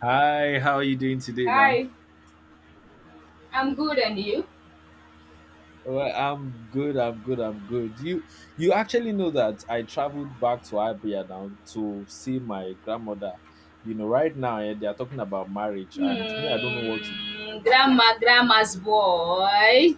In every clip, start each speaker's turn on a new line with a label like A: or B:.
A: Hi, how are you doing today now?
B: Hi, I'm good, and you?
A: Well, I'm good, I'm good. You actually know that I traveled back to Abia now to see my grandmother. You know, right now they are talking about marriage and me I don't know what to
B: Hmm,
A: do.
B: grandma, grandma's boy.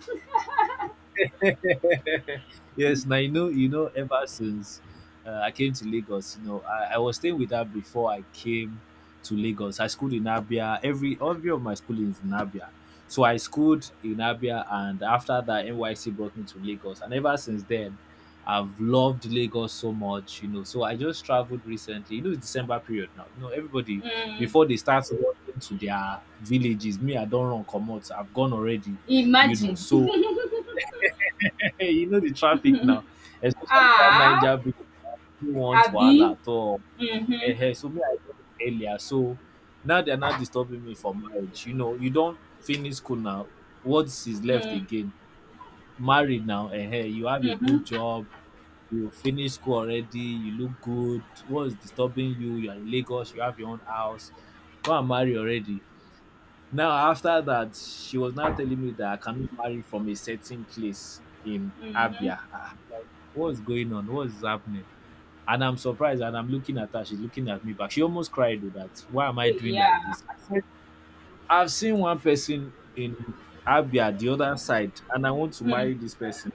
A: Yes, now ever since I came to Lagos, you know, I was staying with her before I came to Lagos. I schooled in Abia. Every of my schooling is in Abia. So I schooled in Abia, and after that, NYC brought me to Lagos, and ever since then, I've loved Lagos so much, you know. So I just traveled recently. You know, it's December period now. You know, everybody
B: Hmm,
A: before they start running to their villages, me, I don't run come out. I've gone already.
B: imagine.
A: So hey, you know the traffic now, especially that
B: Ah,
A: Niger bridge. Who wants wahala
B: Abby.
A: at all?
B: Mm-hmm.
A: Ehen, so me, I left earlier. So now they're not disturbing me for marriage. You know, you don't finish school now. What is left
B: Mm,
A: again? Married now. Hey, you have a good
B: mm-hmm.
A: job. You finish school already. You look good. What is disturbing you? You're in Lagos. You have your own house. Go and marry already. Now after that, she was now telling me that I cannot marry from a certain place in
B: Mm-hmm.
A: Abia. Ah, what's going on? What's happening? And I'm surprised and I'm looking at her, she's looking at me back. She almost cried though that why am I doing like
B: Yeah.
A: this? I said, I've seen one person in Abia, the other side, and I want to
B: Mm,
A: marry this person.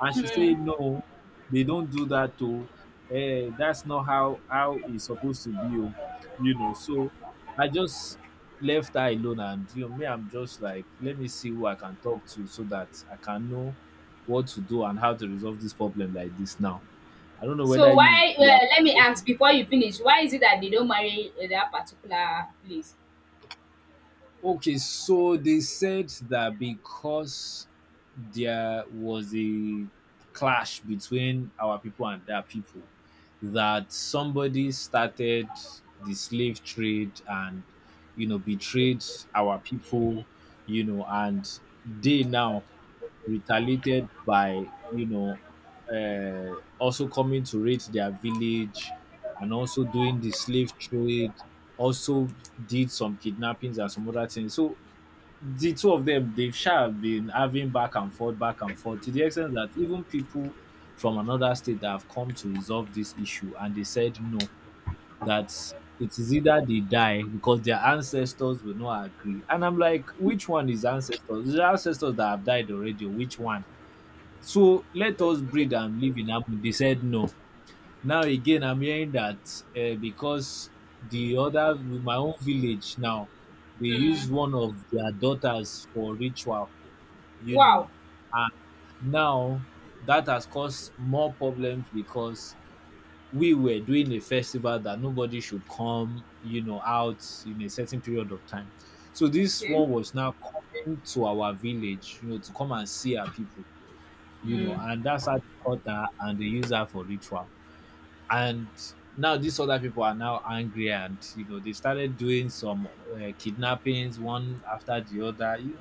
A: And she
B: mm.
A: said, "No, they don't do that too. Eh, that's not how it's supposed to be. Oh." You know, so I just left her alone, and you know, me, I'm just like, let me see who I can talk to so that I can know what to do and how to resolve this problem like this now. I don't know whether
B: So
A: you
B: why?
A: you
B: Well,
A: are
B: let me ask before you finish. Why is it that they don't marry that particular place?
A: okay. So they said that because there was a clash between our people and their people, that somebody started the slave trade and you know betrayed our people, you know, and they now retaliated by also coming to raid their village and also doing the slave trade, also did some kidnappings and some other things. So the two of them, they've sha have been having back and forth, to the extent that even people from another state that have come to resolve this issue, and they said no, that it is either they die because their ancestors will not agree. And I'm like, which one is ancestors? The ancestors that have died already, which one? So let us breed and live in harmony. They said no. Now again, I'm hearing that because the other, my own village now, they use
B: Mm.
A: one of their daughters for ritual, you know,
B: Wow.
A: and now that has caused more problems because we were doing a festival that nobody should come, you know, out in a certain period of time. So this
B: Okay.
A: one was now coming to our village, you know, to come and see our people, you know,
B: Mm.
A: and that's how they taught her and they use her for ritual. And now these other people are now angry, and you know, they started doing some kidnappings one after the other. You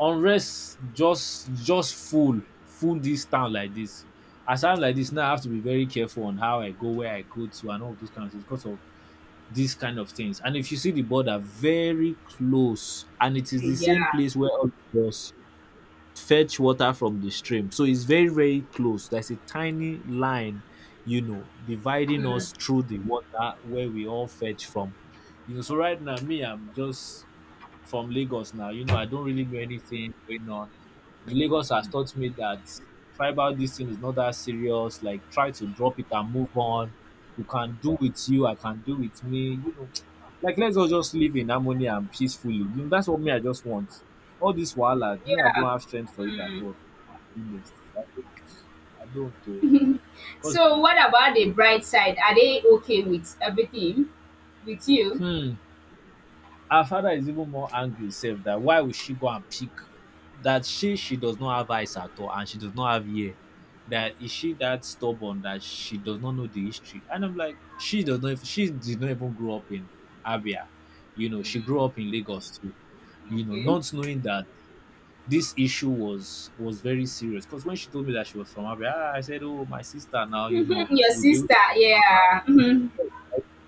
A: know, unrest just full, full this town like this. As I'm like this, now I have to be very careful on how I go, where I go to, and all of those kind of things because of these kind of things. And if you see the border, very close, and it is the same
B: Yeah.
A: place where all of us fetch water from the stream. So it's very, very close. There's a tiny line, you know, dividing
B: Mm.
A: us through the water where we all fetch from. You know, so right now, me, I'm just from Lagos now. You know, I don't really know anything going on. The Lagos has taught me that tribal this thing is not that serious. Like try to drop it and move on. You can do with you, I can do with me. You know, like let's all just live in harmony and peacefully. You know, that's what me I just want. All this wahala, me I
B: Yeah.
A: don't have strength for it at
B: Mm.
A: all. To be honest, I don't. I don't. Because
B: So what about the bright side? Are they okay with everything? With you?
A: her father is even more angry sef that why will she go and pick, that she does not have eyes at all, and she does not have ear, that is she that stubborn that she does not know the history. And I'm like, she did not even grow up in Abia, you know, she grew
B: Mm,
A: up in Lagos too, you know,
B: okay.
A: not knowing that this issue was very serious. Because when she told me that she was from Abia, ah, I said, oh, my sister now, you
B: Mhm,
A: know
B: your
A: we'll be able
B: sister, yeah.
A: to
B: Mhm,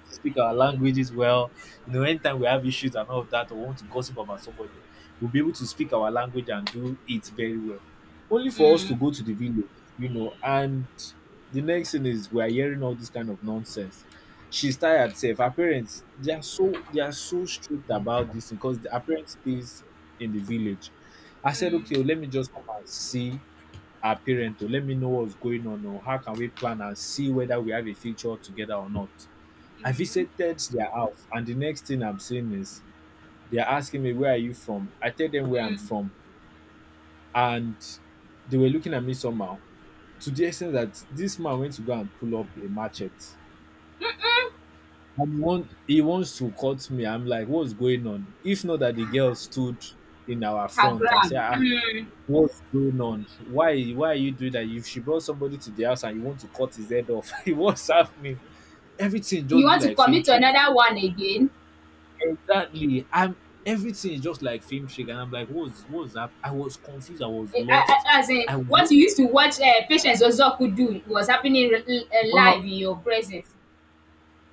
A: speak our languages well. You know, anytime we have issues and all of that, or want to gossip about somebody, we'll be able to speak our language and do it very well. Only for us to
B: mm,
A: go to the village, you know, and the next thing is we are hearing all this kind of nonsense. She's tired Safe. Her parents, they are so strict about this because her parents stays in the village. I said,
B: mm,
A: okay, oh, let me just come and see our parent to let me know what's going on, or how can we plan and see whether we have a future together or not. I
B: mhm,
A: visited their house and the next thing I'm seeing is they're asking me, where are you from? I tell them where I'm
B: mm.
A: from, and they were looking at me somehow, to the extent that this man went to go and pull up a machete. And one he wants to cut me. I'm like, what's going on? If not that the girl stood in our
B: Her
A: front and said,
B: gram.
A: ah,
B: Mm.
A: what's going on? Why are you doing that? If she brought somebody to the house and you want to cut his head off, what's happening? Everything
B: You
A: just be
B: want to
A: like film
B: commit to
A: trick.
B: another one again?
A: Exactly. I'm Everything is just like film trick, and I'm like, what's that? I was confused. I was lost.
B: As in,
A: I was
B: what you used to watch Patience Ozoku do was happening
A: wow.
B: live in your presence.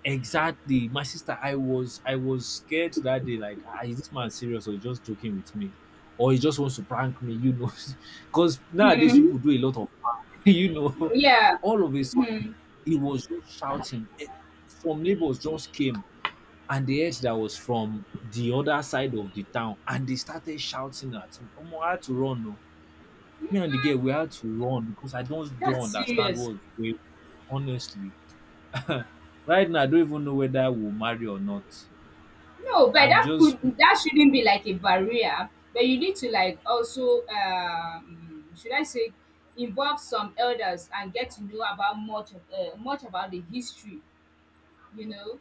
A: Exactly, my sister. I was scared that day. Like, ah, is this man serious, or he just joking with me, or he just wants to prank me? You know, because nowadays
B: Mm.
A: people do a lot of prank, you know,
B: Yeah.
A: all of a sudden.
B: Mm.
A: He was just shouting. Eh, some neighbors just came and the edge that was from the other side of the town, and they started shouting at me. Omo, I had to run. No. Me and the girl, we had to run because I don't
B: That's
A: don't understand
B: serious.
A: what was going on, honestly. Right now, I don't even know whether I will marry or not.
B: No, but
A: I'm just
B: that shouldn't be like a barrier, but you need to like also should I say involve some elders and get to know about much about the history, you know.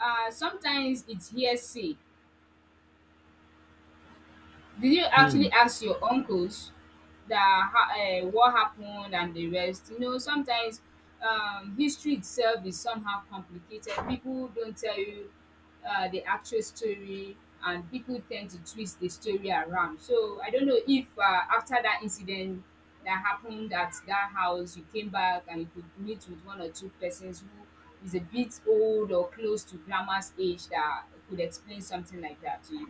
B: Sometimes it's hearsay. Did you
A: Hmm.
B: actually ask your uncles that ha- what happened and the rest? You know, sometimes history itself is somehow complicated. People don't tell you the actual story, and people tend to twist the story around. So I don't know if after that incident that happened at that house, you came back and you could meet with one or two persons who is a bit old or close to grandma's age that could explain something like that to you.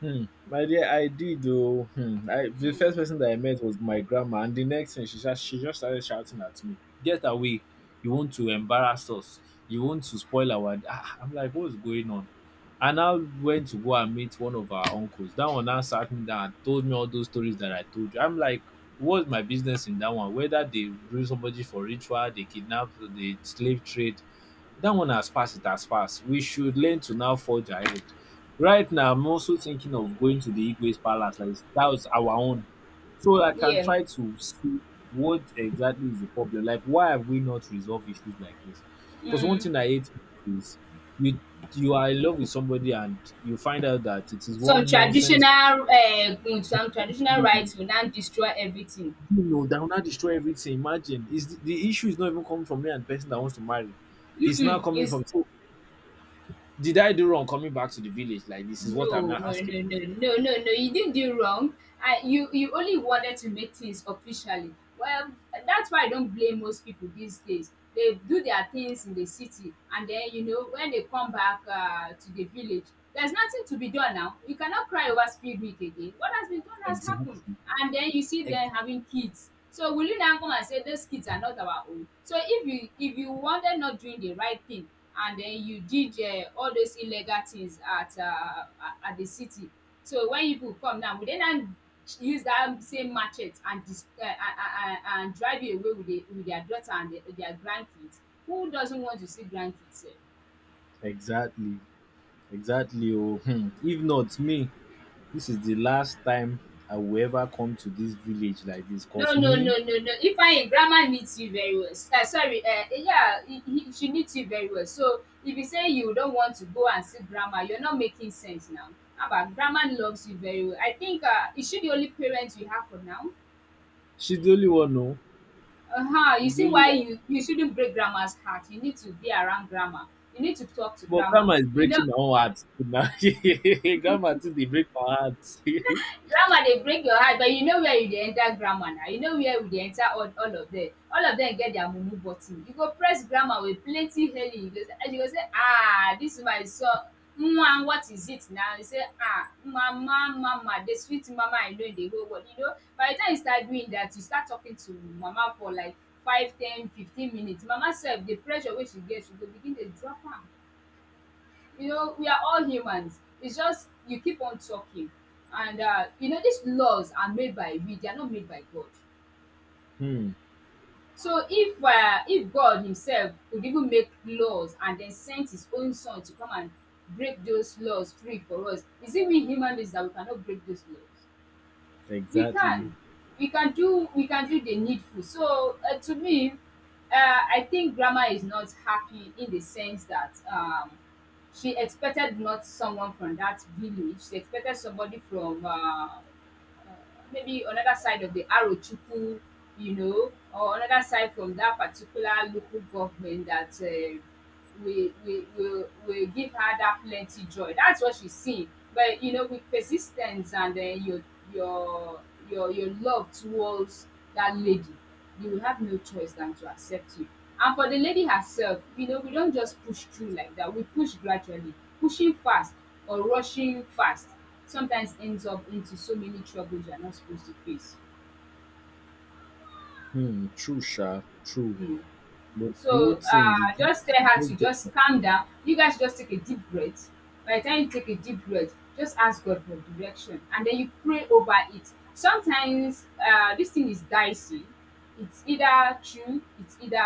A: Hmm. My dear, I did though. Hmm. I, the first person that I met was my grandma, and the next thing she just started shouting at me, "Get away! You want to embarrass us? You want to spoil our?" Ah, I'm like, what's going on? And I went to go and meet one of our uncles. That one now sat me down and told me all those stories that I told you. I'm like, what's my business in that one? Whether they do somebody for ritual, they kidnap, they slave trade, that one has passed. It has passed. We should learn to now forge ahead. Right now, I'm also thinking of going to the Igwe's palace. Like that was our own, so I can
B: Yeah.
A: try to see what exactly is the problem. Like, why have we not resolved issues like this? Because one
B: Mm.
A: thing I hate is you you are in love with somebody and you find out that it is
B: Some
A: one nonsense.
B: traditional uh, some traditional
A: You
B: rites will now destroy everything.
A: know that will not destroy everything. Imagine is the issue is not even coming from me and the person that wants to marry. It's now coming
B: Is
A: from so did I do wrong coming back to the village like this? Is what I'm
B: No,
A: now
B: no,
A: asking.
B: no, no, no, no, no. You didn't do wrong. You only wanted to make things officially. Well, that's why I don't blame most people these days. They do their things in the city, and then you know when they come back to the village, there's nothing to be done now. You cannot cry over speed week again. What has been done has happened,
A: Exactly.
B: and then you see
A: Ex-
B: them having kids. So will you now come and say those kids are not our own? So if you wanted not doing the right thing, and then you did all those illegal things at the city. So when people come now, we dey now use dat same machete and dis and drive you away with their daughter and their grandkids. Who doesn't want to see grandkids sef?
A: Exactly. Exactly. Oh, hmm. If not me, this is the last time I will ever come to this village like this.
B: No,
A: Cause
B: no, no,
A: me,
B: no, no, Ifeanyi, grandma needs you very well, sorry, yeah, she needs you very well, so if you say you don't want to go and see grandma you're not making sense now. Haba, grandma loves you very well. I think, is she the only parent you have for now?
A: she's the only one. No,
B: Uh-huh. You
A: she's the
B: see
A: only
B: why
A: one.
B: you shouldn't break grandma's heart. You need to be around grandma. You need to talk to
A: But
B: grandma.
A: grandma is
B: You
A: breaking
B: know
A: my own heart too now. Grandma too, they break my heart.
B: grammar dey break your heart, but you know where you dey enter grammar na, you know where we dey enter, all of dem get their mumu button, you go press grammar with plenty hailing, you go say dis woman is so what is it now, you say mama, mama, the sweet mama I know in the whole world, you know, by the time you start doing that, you start talking to mama for like 5, 10, 15 minutes, mama sef the pressure wey she get she go begin dey drop am. You know, we are all humans. It's just you keep on talking. And you know, these laws are made by we, they are not made by God.
A: Hmm.
B: So if God Himself could even make laws and then sent His own Son to come and break those laws free for us, is it we human beings that we cannot break those laws? we
A: Exactly.
B: can we can do the needful. So to me I think grandma is not happy in the sense that she expected not someone from that village, she expected somebody from maybe another side of the Arochukwu, you know, or another side from that particular local government, that we will give her that plenty joy. That's what she's seeing. But you know, with persistence and then your your love towards that lady, you will have no choice than to accept you. And for the lady herself, you know, we don't just push through like that. We push gradually. Pushing fast or rushing fast sometimes ends up into so many troubles you're not supposed to face.
A: Hmm. True, sha. True.
B: Mm.
A: But the whole
B: So
A: thing,
B: just tell her to
A: did
B: just calm down. You guys just take a deep breath. By the time you take a deep breath, just ask God for direction and then you pray over it. Sometimes this thing is dicey. It's either true, it's either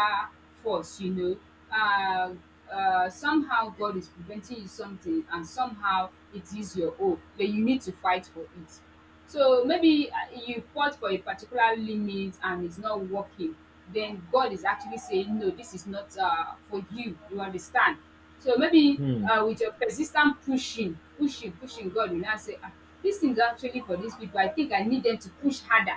B: false, you know. Uh, Somehow God is preventing you something and somehow it is your own, but you need to fight for it. So maybe you fought for a particular limit and it's not working. Then God is actually saying, no, this is not for you. You understand? So maybe
A: you?
B: with your persistent pushing, pushing, pushing, God will now say, ah, this thing is actually for these people. I think I need them to push harder.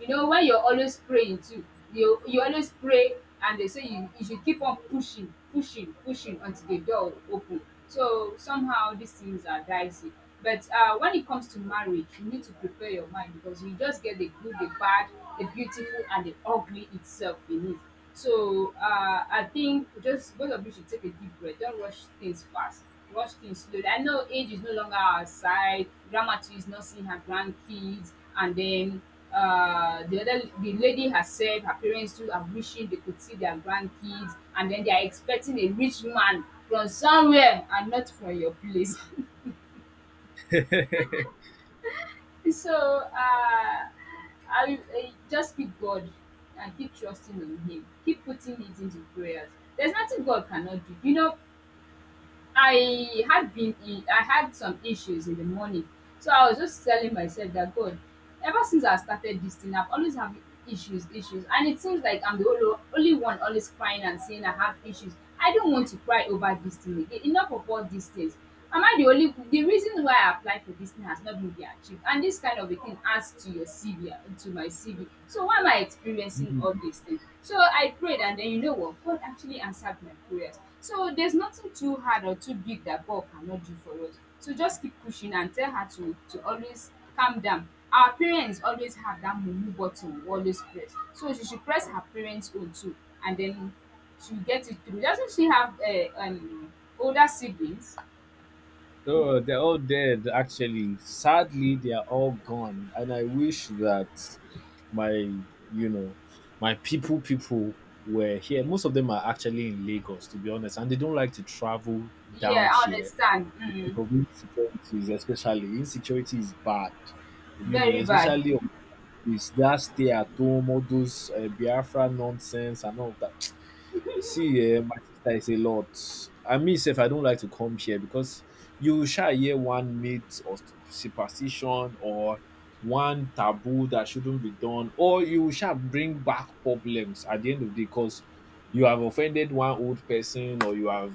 B: You know, when you're always praying too, you always pray, and they say you should keep on pushing, pushing, pushing until the door open. So somehow these things are dicey. But when it comes to marriage, you need to prepare your mind because you just get the good, the bad, the beautiful, and the ugly itself in it. So I think just both of you should take a deep breath. Don't rush things fast. Rush things slowly. I know age is no longer our side. Grandma too is not seeing her grandkids, and then the lady herself, her parents too are wishing they could see their grandkids, and then they are expecting a rich man from somewhere and not from your place. So uh, I just keep God and keep trusting on Him. Keep putting it into prayers. There's nothing God cannot do. You know, I had been I had some issues in the morning. So I was just telling myself that God, ever since I started this thing, I've always have issues, issues. And it seems like I'm the only, only one always crying and saying I have issues. I don't want to cry over this thing again. Enough of all these things. Am i the only the reason why I applied for this thing has not been their achieved, and this kind of a thing adds to your CV and to my CV, so why am I experiencing
A: Hmm.
B: all these things? So I prayed, and then you know what, God actually answered my prayers. So there's nothing too hard or too big that God cannot do for us. So just keep pushing and tell her to always calm down. Our parents always have that mumu button we always press, so she should press her parents own too, and then she will get it through. Doesn't she have older siblings?
A: No, they're all dead, actually. Sadly, they are all gone. And I wish that my, you know, my people were here. Most of them are actually in Lagos, to be honest. And they don't like to travel
B: Yeah,
A: down
B: I
A: here
B: understand.
A: because
B: Mm.
A: of insecurities, especially. Insecurity is bad,
B: Very bad.
A: especially on this that stay at home, all those Biafra nonsense and all of that. See, eh, my sister is a lot. I me sef, I don't like to come here because you shall hear one myth or superstition or one taboo that shouldn't be done, or you shall bring back problems at the end of the day because you have offended one old person or you have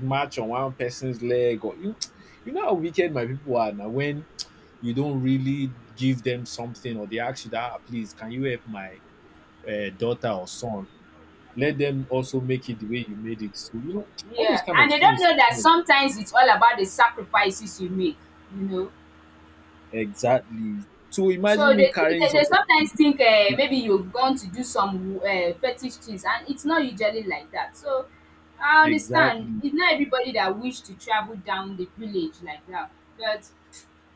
A: marched on one person's leg you know how wicked my people are now when you don't really give them something or they ask you that, "Ah, please can you help my daughter or son, let them also make it the way you made it." So, all those
B: Yeah,
A: kind
B: and
A: of
B: they don't
A: things.
B: know that
A: you know.
B: sometimes it's all about the sacrifices you make, you know.
A: Exactly. So imagine
B: So
A: me
B: they think
A: carrying
B: they, they
A: something.
B: sometimes think maybe you are going to do some fetish things, and it's not usually like that. So I understand.
A: Exactly.
B: It's not everybody that wish to travel down the village like that, but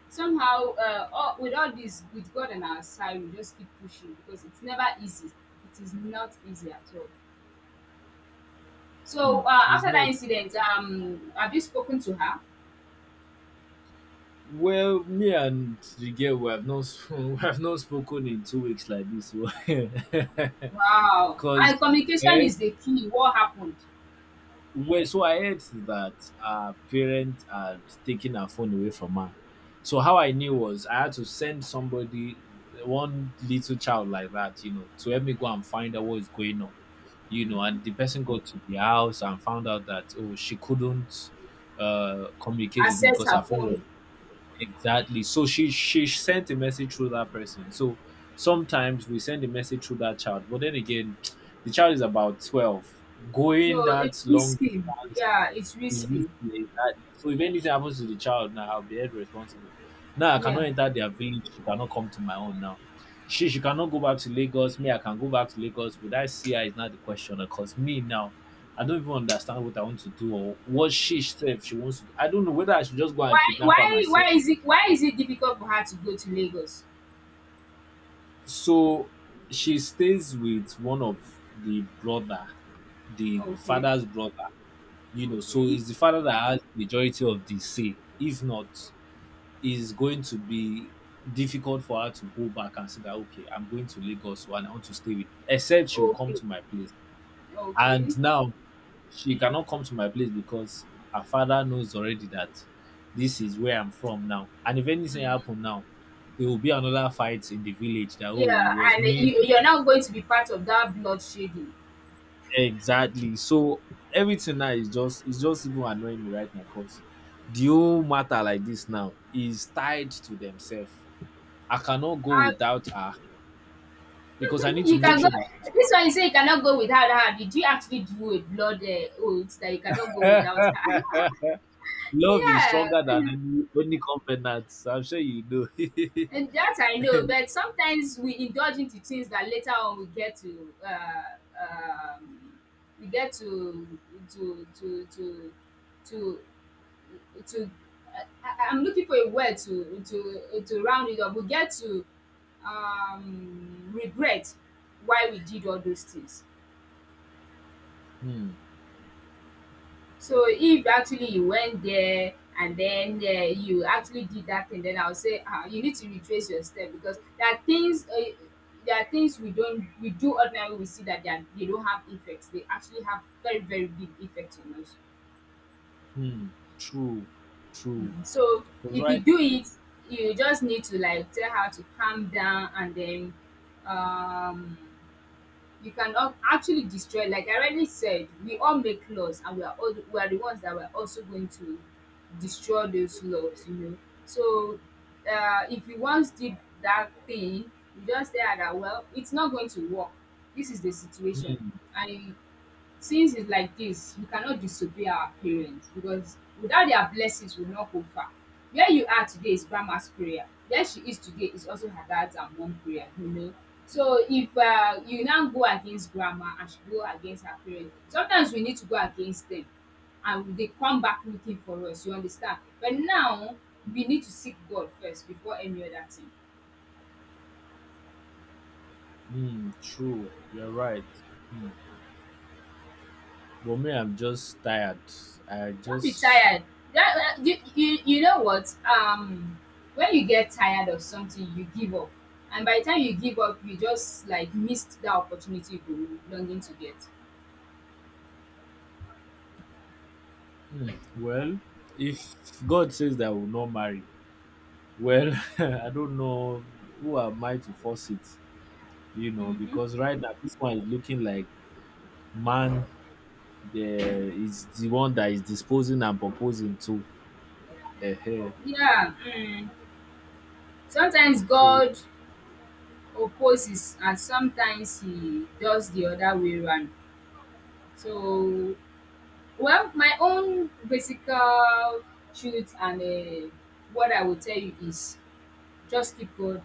B: somehow with all this, with God on our side, we just keep pushing because it's never easy. It is not easy at all.
A: Hmm.
B: So
A: It's
B: after that
A: not
B: incident, have you spoken to her?
A: well. Me and the girl, we have not sp- we have not spoken in 2 weeks like this. So,
B: Wow.
A: because
B: And communication is the key. What happened?
A: Well, so I heard that her parents had taken her phone away from her. So how I knew was I had to send somebody, one little child like that, to help me go and find out what is going on. And the person got to the house and found out that oh, she couldn't communicate with me
B: Access
A: because her
B: her
A: phone was.
B: phone.
A: Exactly. So she sent a message through that person. So sometimes we send a message through that child, but then again, the child is about 12. Going
B: No,
A: that
B: it's
A: long
B: risky.
A: distance
B: Yeah, it's
A: is risky.
B: risky.
A: Exactly. So if anything happens to the child now, I'll be held responsible. Now I cannot
B: Yeah.
A: enter their village. She cannot come to my own now. She cannot go back to Lagos. Me, I can go back to Lagos. Would I see her is not the question. Because me now, I don't even understand what I want to do or what she said she wants to do. I don't know whether I should just go and
B: Why
A: kidnap her
B: why
A: myself.
B: why is it why is it difficult for her to go to Lagos?
A: So she stays with one of the brother, the
B: Okay.
A: father's brother, you know. So
B: Okay.
A: it's the father that has majority of the say. If not, it's going to be difficult for her to go back and say that, okay, I'm going to Lagos, so and I want to stay with, except she will come
B: Okay.
A: to my place.
B: Okay.
A: And now she cannot come to my place because her father knows already that this is where I'm from now. And if anything happen now, it will be another fight in the village that, oh, it
B: Yeah,
A: was
B: and
A: me.
B: you, you're not going to be part of that bloodshedding.
A: Exactly. So everything now is just, it's just even annoying me right now because the whole matter like this now is tied to themselves. I cannot go
B: I.
A: without her because I need to
B: You
A: make
B: can go.
A: sure that she's
B: This one you say you cannot go without her. Did you actually do a blood oath that you cannot go
A: fine.
B: without her?
A: Love is
B: Yeah,
A: stronger than any covenant. So, I'm sure you know.
B: and that I know. But sometimes we indulge into things that later on we get to to to to to to I'm looking for a word to round it up. We get to, regret why we did all those things.
A: Hmm.
B: So if actually you went there and then you actually did that thing, then I'll say, ah, you need to retrace your step, because there are things we don't we do ordinarily, we see that they don't have effects. They actually have very very big effects on us.
A: Hmm. True. True.
B: Mm. So
A: Cause
B: if you
A: right.
B: do it, you just need to like tell her to calm down, and then um you can actually destroy. Like I already said, we all make laws, and we are the ones that were also going to destroy those laws, you know. So if you once did that thing, you just say, "Ah, that, well, it's not going to work. This is the situation."
A: Hmm.
B: And since it's like this, we cannot disobey our parents, because without their blessings, we will not go far. Where you are today is grandma's prayer. Where she is today is also her dad's and mom prayer, you know. So if you now go against grandma and she go against her parents, sometimes we need to go against them and they come back looking for us, you understand? But now we need to seek God first before any other thing.
A: Hmm. True. You're right. Hmm. But me, I'm just tired. I
B: Don't be
A: just.
B: tired. That, you know what? When you get tired of something, you give up. And by the time you give up, you just like missed that opportunity you were longing to get.
A: Hmm. Well, if God says that I will not marry, well, I don't know, who am I to force it,
B: Hmm.
A: because right now this one is looking like man, the is the one that is disposing and proposing to. uh
B: Yeah. Mm. Sometimes
A: So,
B: God opposes, and sometimes He does the other way around. So, well, my own basic truth and what I would tell you is just keep going.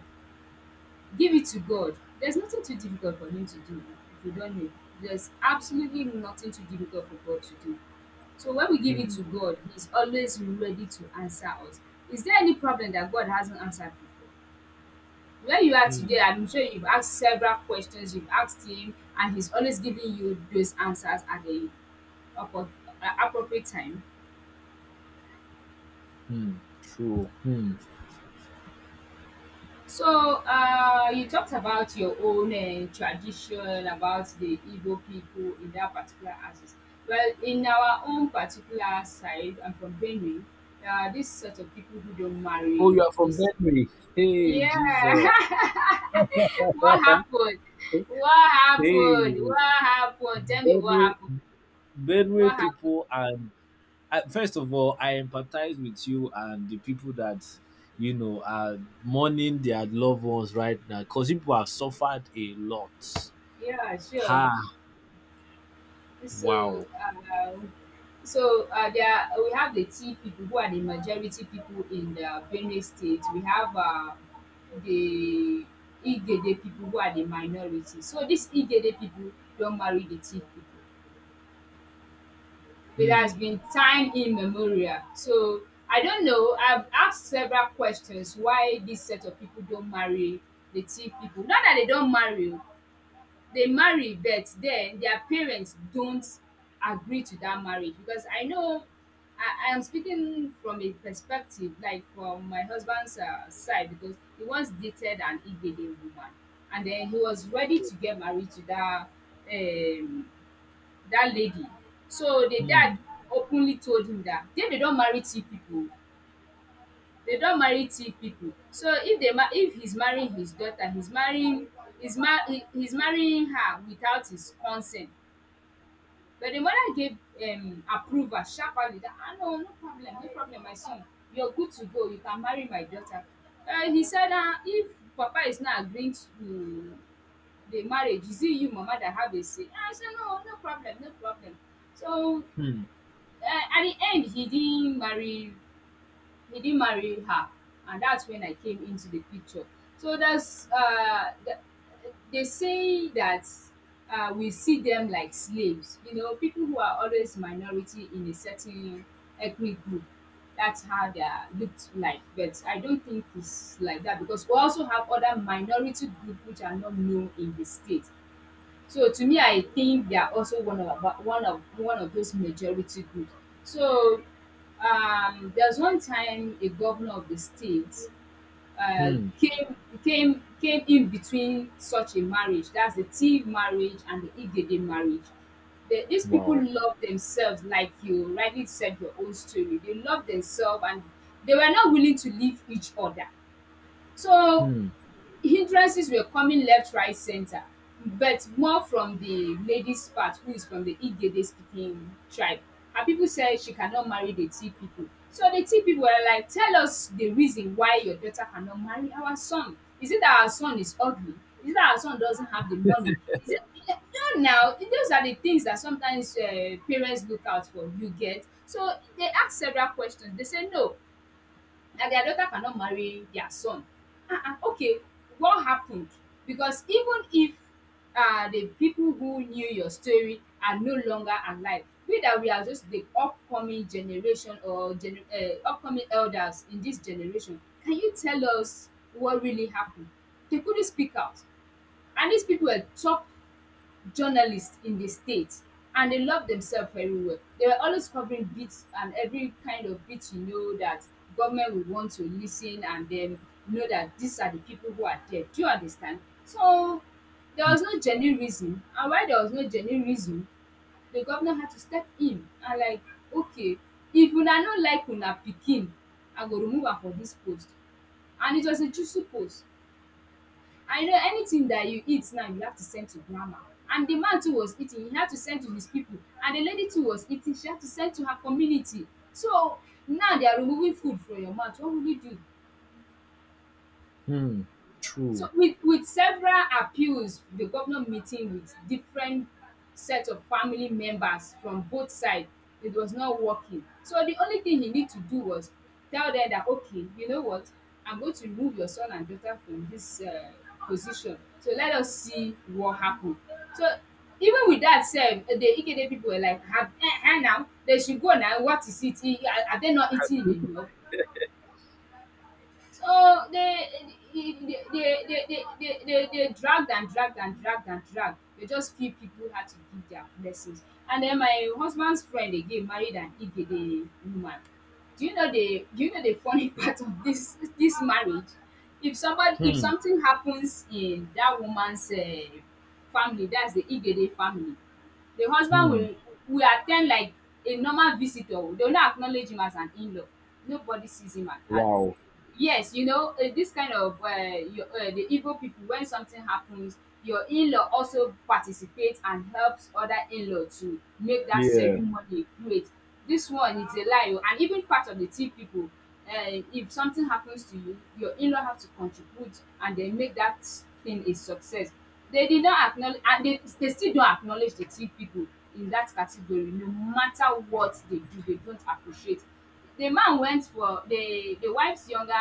B: Give it to God. There's nothing too difficult for Him to do, if you don't know. There's absolutely nothing too difficult for God to do. So when we give it
A: hmm,
B: to God, He's always ready to answer us. Is there any problem that God hasn't answered before? Where you are
A: hmm,
B: today, I'm sure you've asked several questions, you've asked Him, and He's always giving you those answers at the appro- appropriate time.
A: hmm, true. Hmm.
B: So, you talked about your own tradition, about the Igbo people in that particular artist. Well, in our own particular side, I'm from Benue. This sort of people who don't
A: Oh,
B: marry
A: you are from
B: this.
A: Benue. Hey,
B: Yeah.
A: Jesus.
B: what
A: Hey,
B: happened? What happened?
A: Benue,
B: What happened? Tell me what happened. What
A: Benue
B: happened?
A: people, and first of all, I empathize with you and the people that, you know, are mourning their loved ones right now because people have suffered a lot.
B: Yeah, sure.
A: Ha!
B: So,
A: Wow.
B: there we have the tea people who are the majority people in the Benue State. We have the Igede people who are the minority. So these Igede people don't marry the tea people. It
A: Hmm.
B: has been time immemorial. So I don't know. I've asked several questions why this set of people don't marry the tea people. Not that they don't marry, they marry, but then their parents don't agree to that marriage, because I know I am speaking from a perspective like from my husband's side, because he once dated an Igbede woman and then he was ready to get married to that um, that lady. So the
A: Hmm.
B: dad openly told him that then they don't marry two people. Dey don marry two people, so if dey if he's marrying his daughter, he's mar he's marrying her without his consent. But the mother gave approval sharperly that, "Ah, no no problem, no problem, my son, you're good to go, you can marry my daughter." He said, "Ah, if papa is not agreeing to the marriage, is it you mama that have a say? Ah, I say no, no problem, no problem." So
A: Hmm.
B: at the end he didn't marry her, and that's when I came into the picture. So they say that we see them like slaves, you know, people who are always minority in a certain ethnic group. That's how they are looked like. But I don't think it's like that, because we also have other minority group which are not known in the state. So to me, I think they are also one of abo- one of those majority groups. So there's one time a governor of the state uh,
A: Hmm.
B: came came in between such a marriage. That's the Tiv marriage and the Igede marriage. These people
A: Wow.
B: love themselves, like you rightly said your own story. They love themselves and they were not willing to leave each other. So
A: Hmm.
B: hindrances were coming left, right, center, but more from the lady's part, who is from the Igede speaking tribe. Her people said she cannot marry the tea people. So the tea people were like, "Tell us the reason why your daughter cannot marry our son. Is it that our son is ugly? Is it that our son doesn't have the money? Is it" No, now those are the things that sometimes parents look out for, you get. So they ask several questions, they say no, that their daughter cannot marry their son. Ah, ah, okay, what happened? Because even if the people who knew your story are no longer alive, we that we are just the upcoming generation or upcoming elders in this generation, can you tell us what really happened? They couldn't speak out, and these people were top journalists in the state, and they love themselves very well. They were always covering bits and every kind of bit, you know, that government would want to listen and then know that these are the people who are there. Do you understand? So there was no genuine reason. And why there was no genuine reason, the governor had to step in and like, "Okay, if una no like una pikin, I go remove am for dis post." And it was a juicy post. I know anything that you eat now you have to send to grandma. And the man too was eating, he had to send to his people. And the lady too was eating, she had to send to her community. So now they are removing food from your mouth. What will you do?
A: Hmm. True.
B: So with several appeals, the governor meeting with different set of family members from both side, it was not working. So the only thing he need to do was tell them that, "Okay, you know what, I'm going to remove your son and daughter from this position. So let us see what happen." So even with that sef, the Igede people were like, "Have now, they should go now, what is it? Eh, are they not eating enough?" So they they they they they dragged and dragged and dragged and dragged. They just few people had to give their blessings. And then my husband's friend again married an Igede woman. Do you know the do you know the funny part of this marriage? If somebody if
A: Hmm.
B: something happens in that woman's family, that's the Igede family, the husband
A: Hmm.
B: will attend like a normal visitor. They dey not acknowledge him as an in-law. Nobody sees him as,
A: Wow.
B: yes, you know, this kind of, your the Igbo people, when something happens your in-law also participates and helps other in inlaw to make that
A: Yeah.
B: ceremony great. This one is a lie o. And even part of the Tiv people, if something happens to you, your in-law have to contribute and then make that thing a success. They did not acknowledge, and they still don't acknowledge the tea people in that category. No matter what they do, they don't appreciate. The man went for the wife's younger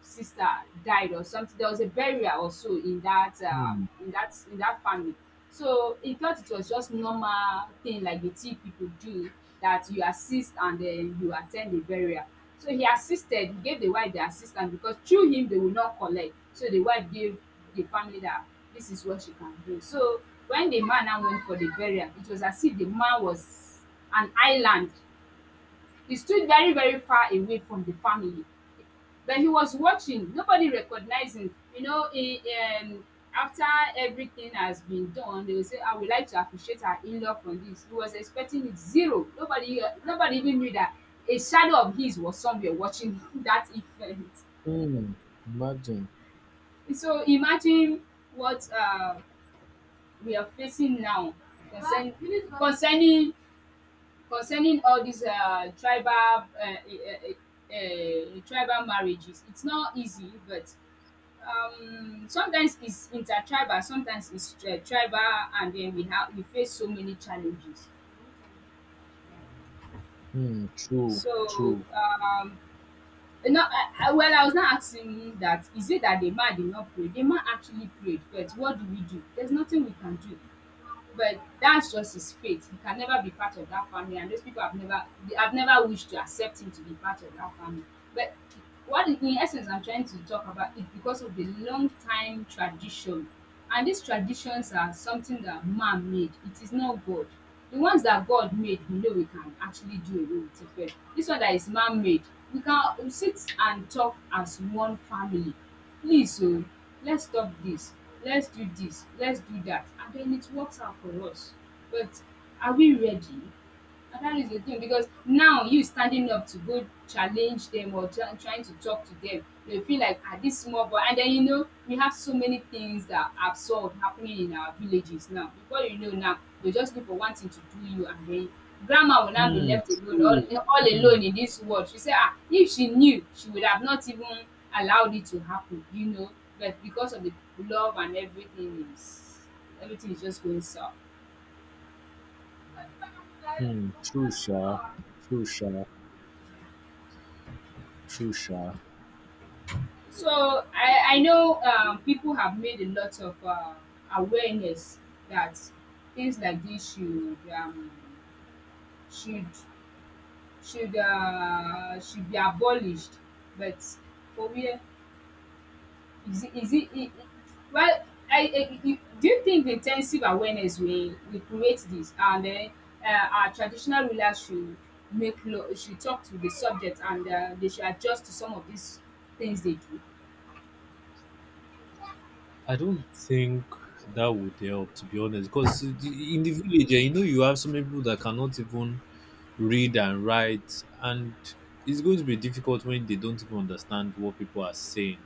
B: sister died or something. There was a burial or so in that
A: Hmm.
B: in that family. So he thought it was just normal thing like the tea people do, that you assist and then you at ten d the burial. So he assisted, he gave the wife the assistance because through him they will not collect. So the wife gave the family that this is what she can do. So when the man now went for the burial, it was as if the man was an island. He stood very, very far away from the family, but he was watching. Nobody recognized him. You know, he, um, after everything has been done, they will say, "I would like to appreciate our in-law for this." He was expecting it zero. Nobody, nobody even knew that a shadow of his was somewhere watching that event.
A: Hmm. Imagine.
B: So imagine what we are facing now, concern, concerning concerning all these tribal marriages. It's not easy, but sometimes it's intertribal, sometimes it's tribal, and then we face so many challenges.
A: Hmm. True.
B: So
A: True.
B: No, well, I was not asking you that. Is it that the man did not pray? The man actually prayed, but what do we do? There's nothing we can do. But that's just his fate. He can never be part of that family, and those people have never, they have never wished to accept him to be part of that family. But what, in essence, I'm trying to talk about is because of the long time tradition, and these traditions are something that man made. It is not God. The ones that God made, we know we can actually do away with it. But this one that is man made, we can sit and talk as one family. Please, so let's stop this. Let's do this. Let's do that. And then it works out for us. But are we ready? That is the thing, because now you standing up to go challenge them or trying to talk to them, they feel like, "Ah, this small boy." And then you know we have so many things that are absurd happening in our villages now. Before you know now, they just look for one thing to do you, and then grandma will now be
A: Hmm.
B: left alone
A: True.
B: all
A: Hmm.
B: alone in this world. She said, "Ah, if she knew she would have not even allowed it to happen," you know. But because of the love, and everything is just going south.
A: Hmm. True, sir. True, sir. True, sir.
B: So I know people have made a lot of awareness that things like this should should be abolished. But for where, it, well? Do you think the intensive awareness will create this, and then our traditional rulers should make law, should talk to the subject, and they should adjust to some of these things they do?
A: I don't think that would help, to be honest, because in the village, eh, you know, you have so many people that cannot even read and write, and it's going to be difficult when they don't even understand what people are saying.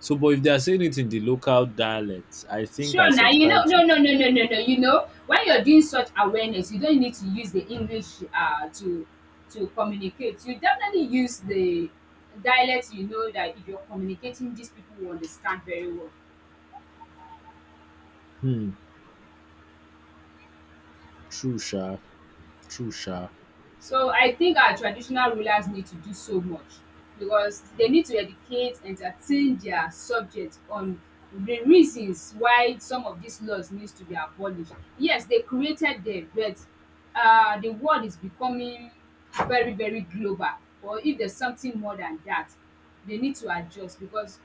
A: So, but if they are saying it in the local dialect, I think I
B: Sure now, you know,
A: subscribe to.
B: no, no, no, no, no, no. You know, when you're doing such awareness, you don't need to use the English to communicate. You definitely use the dialect. You know that if you're communicating, these people will understand very well.
A: Hmm, true, sha, true, sha.
B: So I think our traditional rulers need to do so much, because they need to educate, entertain their subjects on the reasons why some of these laws needs to be abolished. Yes, they created them, but the world is becoming very, very global. Or if there's something more than that, they need to adjust, because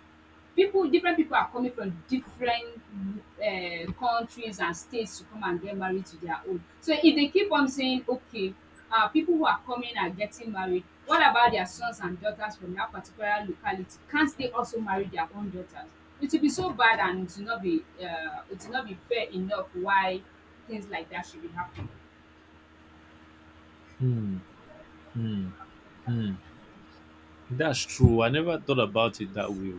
B: people different people are coming from different countries and states to come and get married to their own. So if they keep on saying, "Okay, people who are coming are getting married, what about their sons and daughters from that particular locality, can't they also marry their own daughters?" It will be so bad, and it will not be it will not be fair enough why things like that should be happening.
A: Hmm, hmm, hmm. That's true. I never thought about it that way.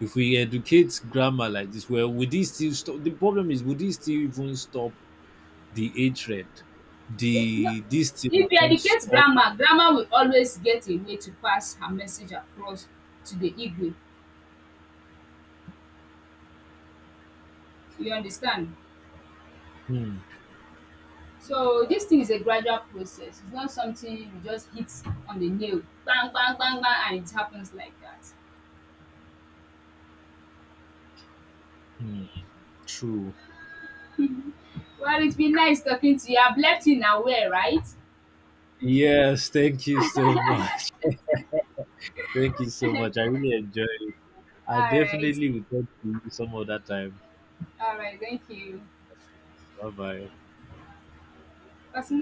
A: If we educate grammar like this, well, would this still stop? The problem is, would this still even stop? The age rate,
B: Eh, no,
A: the this thing are
B: if you
A: also
B: educate
A: all.
B: grandma, grandma will always get a way to pass her message across to the igwe, you understand.
A: Hmm,
B: So this thing is a gradual process. It's not something you just hit on the nail, bang bang bang bang, and it happens like that.
A: hmm, true.
B: Well, it's been nice talking to you. I've left you in aware, right?
A: Yes, thank you so much. Thank you so much. I really enjoyed it. I
B: All right.
A: definitely will talk to you some other time.
B: All right. Thank you.
A: Bye bye.
B: Personal